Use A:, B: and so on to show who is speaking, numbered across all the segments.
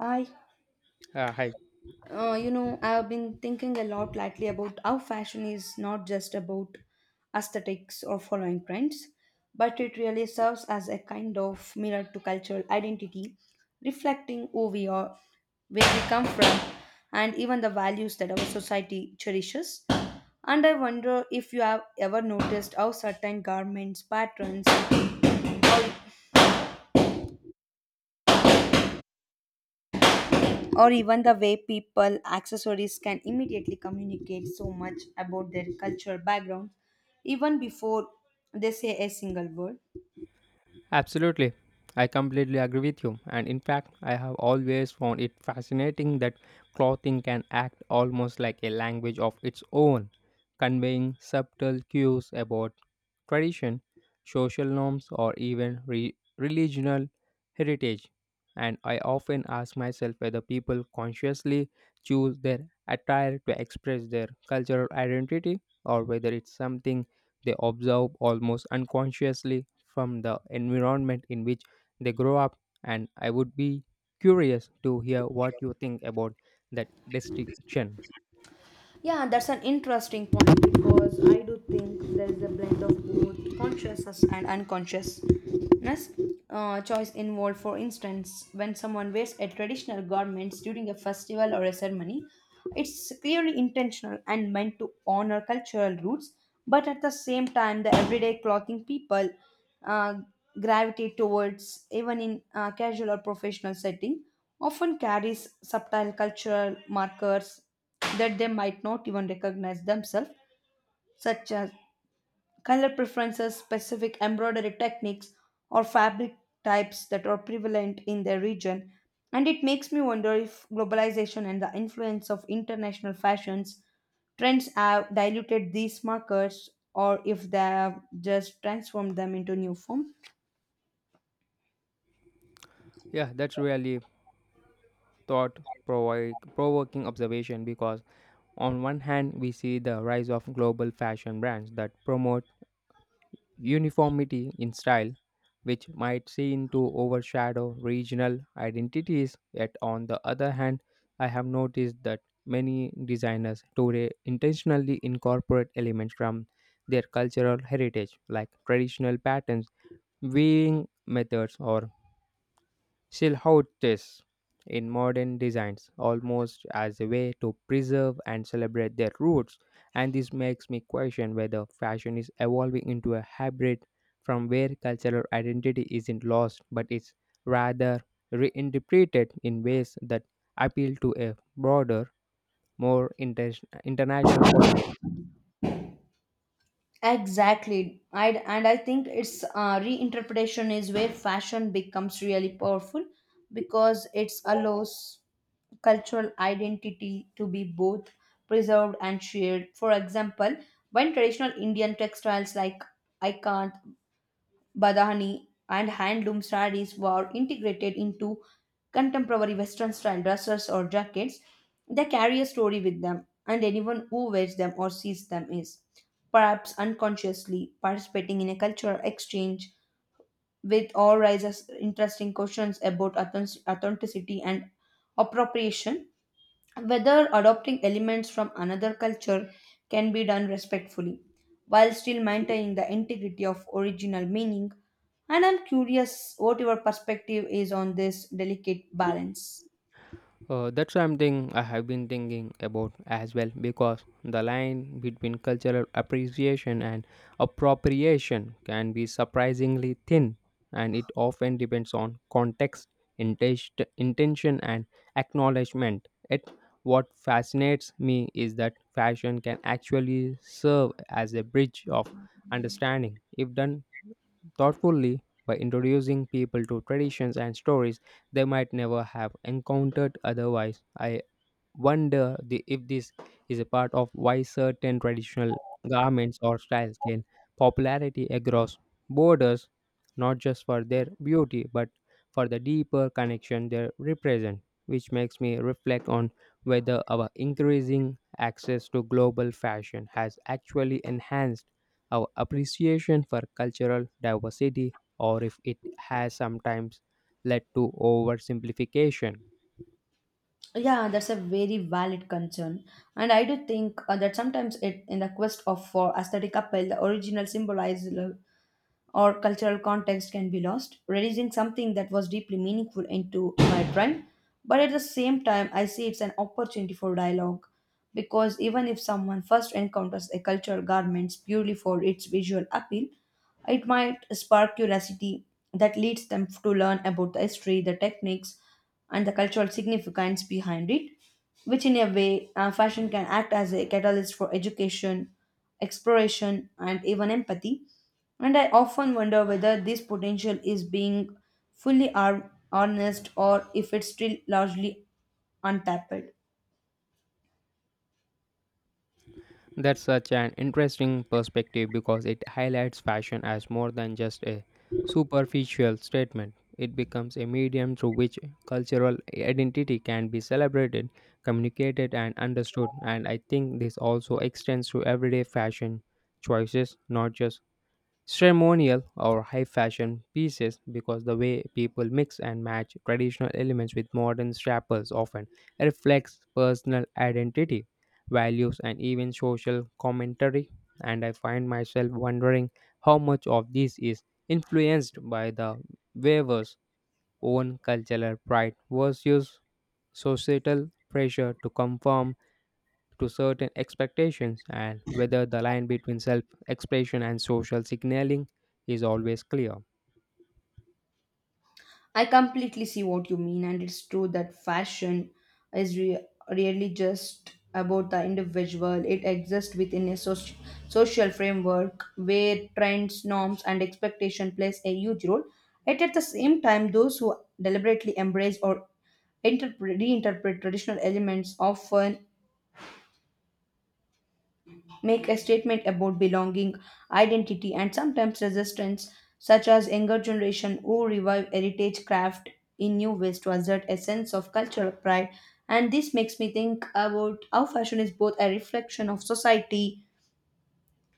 A: I,
B: Hi.
A: I've been thinking a lot lately about how fashion is not just about aesthetics or following trends, but it really serves as a kind of mirror to cultural identity, reflecting who we are, where we come from, and even the values that our society cherishes. And I wonder if you have ever noticed how certain garments, patterns, or even the way people accessories can immediately communicate so much about their cultural background even before they say a single word.
B: Absolutely. I completely agree with you. And in fact, I have always found it fascinating that clothing can act almost like a language of its own, conveying subtle cues about tradition, social norms, or even religional heritage. And I often ask myself whether people consciously choose their attire to express their cultural identity or whether it's something they observe almost unconsciously from the environment in which they grow up, and I would be curious to hear what you think about that distinction.
A: Yeah, that's an interesting point because I do think there is a blend of both consciousness and unconsciousness choice involved. For instance, when someone wears a traditional garments during a festival or a ceremony, it's clearly intentional and meant to honor cultural roots. But at the same time, the everyday clothing people uh, gravitate towards, even in casual or professional setting, often carries subtle cultural markers that they might not even recognize themselves, such as color preferences, specific embroidery techniques, or fabric types that are prevalent in their region. And it makes me wonder if globalization and the influence of international fashions trends have diluted these markers or if they have just transformed them into new form.
B: Yeah, that's really thought provoking observation because on one hand we see the rise of global fashion brands that promote uniformity in style, which might seem to overshadow regional identities. Yet, on the other hand, I have noticed that many designers today intentionally incorporate elements from their cultural heritage, like traditional patterns, weaving methods, or Still how it is in modern designs, almost as a way to preserve and celebrate their roots. And this makes me question whether fashion is evolving into a hybrid from where cultural identity isn't lost but is rather reinterpreted in ways that appeal to a broader, more international audience.
A: Exactly, and I think it's reinterpretation is where fashion becomes really powerful because it allows cultural identity to be both preserved and shared. For example, when traditional Indian textiles like ikant, badhani, and handloom sarees were integrated into contemporary Western style dresses or jackets, they carry a story with them, and anyone who wears them or sees them is, perhaps unconsciously, participating in a cultural exchange with all raises interesting questions about authenticity and appropriation, whether adopting elements from another culture can be done respectfully while still maintaining the integrity of original meaning. And I'm curious what your perspective is on this delicate balance.
B: That's something I have been thinking about as well because the line between cultural appreciation and appropriation can be surprisingly thin, and it often depends on context, intention, and acknowledgement. It, what fascinates me is that fashion can actually serve as a bridge of understanding if done thoughtfully by introducing people to traditions and stories they might never have encountered otherwise. I wonder if this is a part of why certain traditional garments or styles gain popularity across borders, not just for their beauty but for the deeper connection they represent, which makes me reflect on whether our increasing access to global fashion has actually enhanced our appreciation for cultural diversity or if it has sometimes led to oversimplification.
A: Yeah, that's a very valid concern. And I do think that sometimes it, in the quest of for aesthetic appeal, the original symbolizes or cultural context can be lost, reducing something that was deeply meaningful into my trend. But at the same time, I see it's an opportunity for dialogue because even if someone first encounters a cultural garment purely for its visual appeal, it might spark curiosity that leads them to learn about the history, the techniques, and the cultural significance behind it, which in a way, fashion can act as a catalyst for education, exploration, and even empathy. And I often wonder whether this potential is being fully harnessed or if it's still largely untapped.
B: That's such an interesting perspective because it highlights fashion as more than just a superficial statement. It becomes a medium through which cultural identity can be celebrated, communicated, and understood. And I think this also extends to everyday fashion choices, not just ceremonial or high fashion pieces, because the way people mix and match traditional elements with modern staples often reflects personal identity, values, and even social commentary. And I find myself wondering how much of this is influenced by the weaver's own cultural pride versus societal pressure to conform to certain expectations, and whether the line between self expression and social signaling is always clear.
A: I completely see what you mean, and it's true that fashion is really just about the individual. It exists within a social framework where trends, norms, and expectation plays a huge role. Yet at the same time, those who deliberately embrace or interpret, reinterpret traditional elements often make a statement about belonging, identity, and sometimes resistance, such as younger generation who revive heritage craft in new ways to assert a sense of cultural pride. And this makes me think about how fashion is both a reflection of society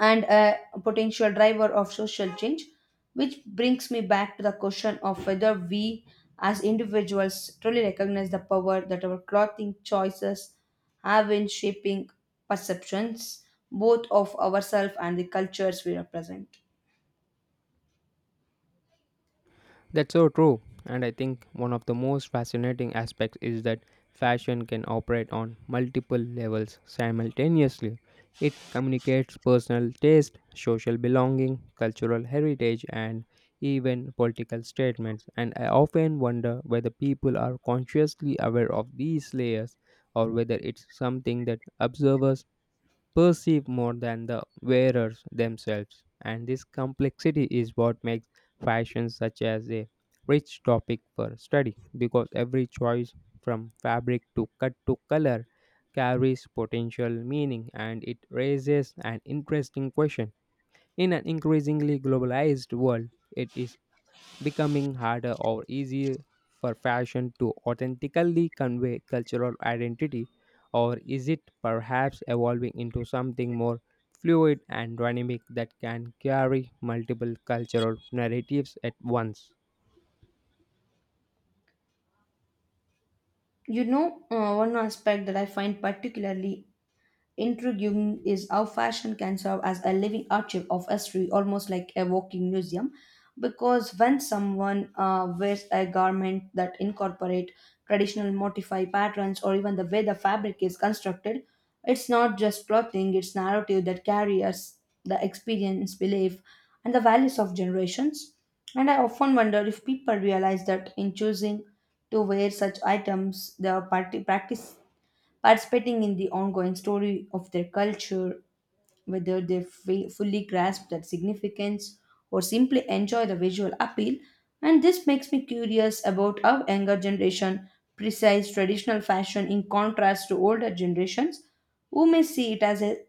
A: and a potential driver of social change, which brings me back to the question of whether we as individuals truly recognize the power that our clothing choices have in shaping perceptions both of ourselves and the cultures we represent.
B: That's so true. And I think one of the most fascinating aspects is that fashion can operate on multiple levels simultaneously. It communicates personal taste, social belonging, cultural heritage, and even political statements. And I often wonder whether people are consciously aware of these layers or whether it's something that observers perceive more than the wearers themselves. And this complexity is what makes fashion such as a rich topic for study because every choice, from fabric to cut to color, carries potential meaning, and it raises an interesting question. In an increasingly globalized world, it is becoming harder or easier for fashion to authentically convey cultural identity, or is it perhaps evolving into something more fluid and dynamic that can carry multiple cultural narratives at once?
A: You know, one aspect that I find particularly intriguing is how fashion can serve as a living archive of history, almost like a walking museum. Because when someone wears a garment that incorporate traditional modify patterns or even the way the fabric is constructed, it's not just clothing; it's narrative that carries the experience, belief, and the values of generations. And I often wonder if people realize that in choosing to wear such items, they are parti- practice participating in the ongoing story of their culture, whether they fully grasp that significance or simply enjoy the visual appeal. And this makes me curious about how younger generation precise traditional fashion in contrast to older generations who may see it as a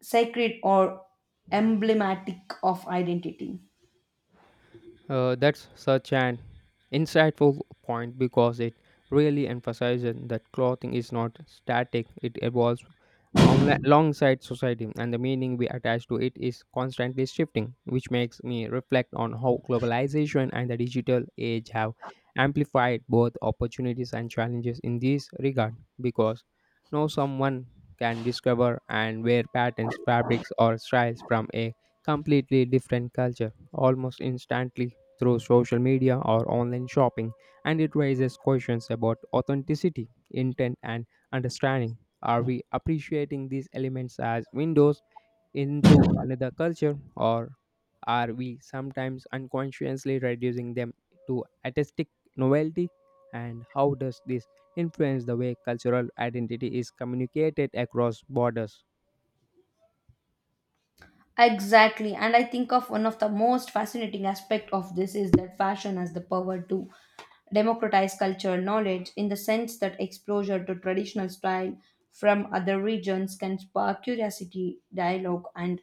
A: sacred or emblematic of identity.
B: That's such an insightful point because it really emphasizes that clothing is not static, it evolves alongside society, and the meaning we attach to it is constantly shifting, which makes me reflect on how globalization and the digital age have amplified both opportunities and challenges in this regard because now someone can discover and wear patterns, fabrics, or styles from a completely different culture almost instantly through social media or online shopping, and it raises questions about authenticity, intent, and understanding. Are we appreciating these elements as windows into another culture, or are we sometimes unconsciously reducing them to artistic novelty? And how does this influence the way cultural identity is communicated across borders?
A: Exactly, and I think of one of the most fascinating aspect of this is that fashion has the power to democratize cultural knowledge in the sense that exposure to traditional style from other regions can spark curiosity, dialogue, and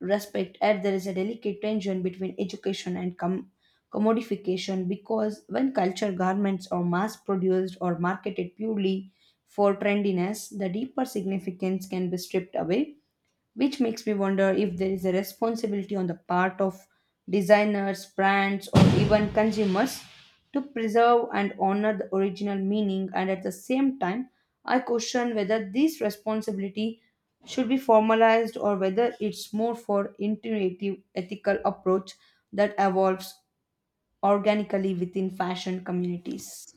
A: respect. Yet there is a delicate tension between education and commodification because when culture garments are mass produced or marketed purely for trendiness, the deeper significance can be stripped away, which makes me wonder if there is a responsibility on the part of designers, brands, or even consumers to preserve and honor the original meaning. And at the same time, I question whether this responsibility should be formalized or whether it's more for intuitive ethical approach that evolves organically within fashion communities.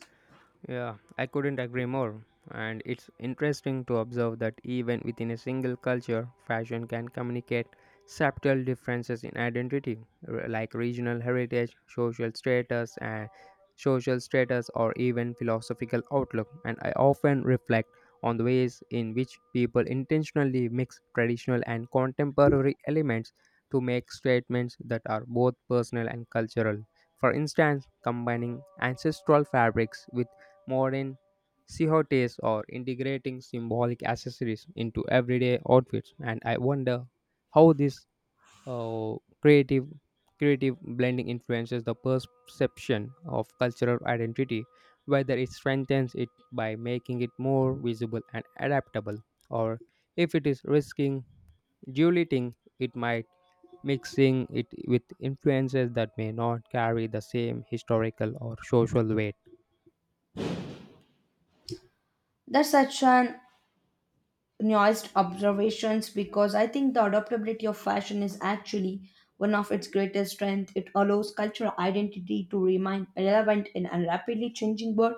B: Yeah, I couldn't agree more. And it's interesting to observe that even within a single culture, fashion can communicate subtle differences in identity, like regional heritage, social status, and social status, or even philosophical outlook. And I often reflect on the ways in which people intentionally mix traditional and contemporary elements to make statements that are both personal and cultural. For instance, combining ancestral fabrics with modern cottes are integrating symbolic accessories into everyday outfits, and I wonder how this uh, creative blending influences the perception of cultural identity, whether it strengthens it by making it more visible and adaptable, or if it is risking diluting it might mixing it with influences that may not carry the same historical or social weight.
A: That's such an nuanced observations because I think the adaptability of fashion is actually one of its greatest strengths. It allows cultural identity to remain relevant in a rapidly changing world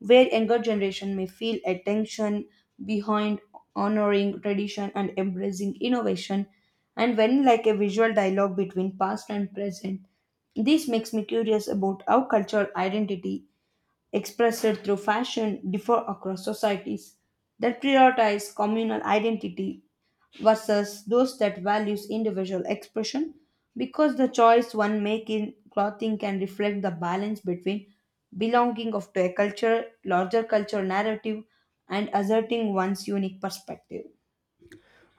A: where younger generation may feel a tension behind honoring tradition and embracing innovation and when like a visual dialogue between past and present. This makes me curious about how cultural identity expressed through fashion differ across societies that prioritize communal identity versus those that values individual expression, because the choice one makes in clothing can reflect the balance between belonging of to a culture larger cultural narrative and asserting one's unique perspective.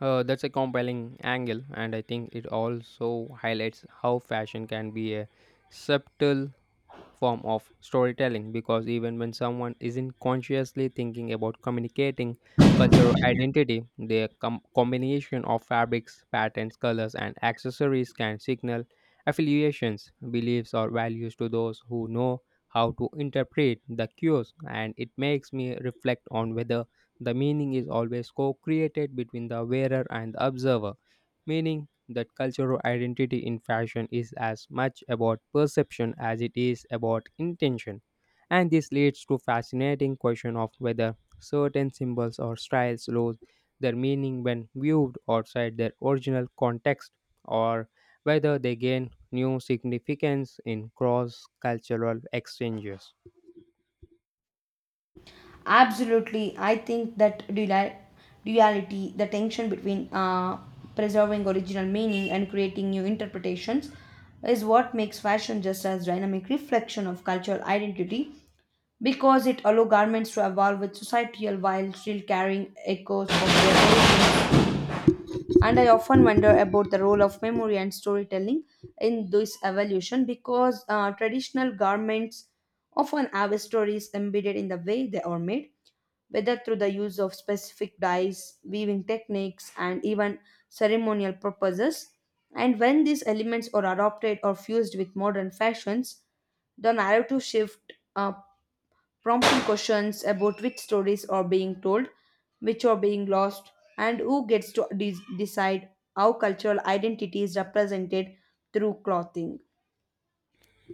B: That's a compelling angle, and I think it also highlights how fashion can be a subtle form of storytelling because even when someone isn't consciously thinking about communicating cultural identity, the combination of fabrics, patterns, colors, and accessories can signal affiliations, beliefs, or values to those who know how to interpret the cues. And it makes me reflect on whether the meaning is always co created between the wearer and the observer, meaning that cultural identity in fashion is as much about perception as it is about intention. And this leads to fascinating question of whether certain symbols or styles lose their meaning when viewed outside their original context or whether they gain new significance in cross cultural exchanges.
A: Absolutely, I think that duality, the tension between preserving original meaning and creating new interpretations, is what makes fashion just as dynamic reflection of cultural identity because it allows garments to evolve with societal while still carrying echoes of their origin. And I often wonder about the role of memory and storytelling in this evolution because traditional garments often have stories embedded in the way they are made, whether through the use of specific dyes, weaving techniques, and even ceremonial purposes. And when these elements are adopted or fused with modern fashions, the narrative shift prompting questions about which stories are being told, which are being lost, and who gets to decide how cultural identity is represented through clothing.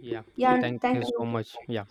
B: Yeah,
A: Yeah, and
B: thank
A: thank
B: you so
A: you.
B: much. Yeah.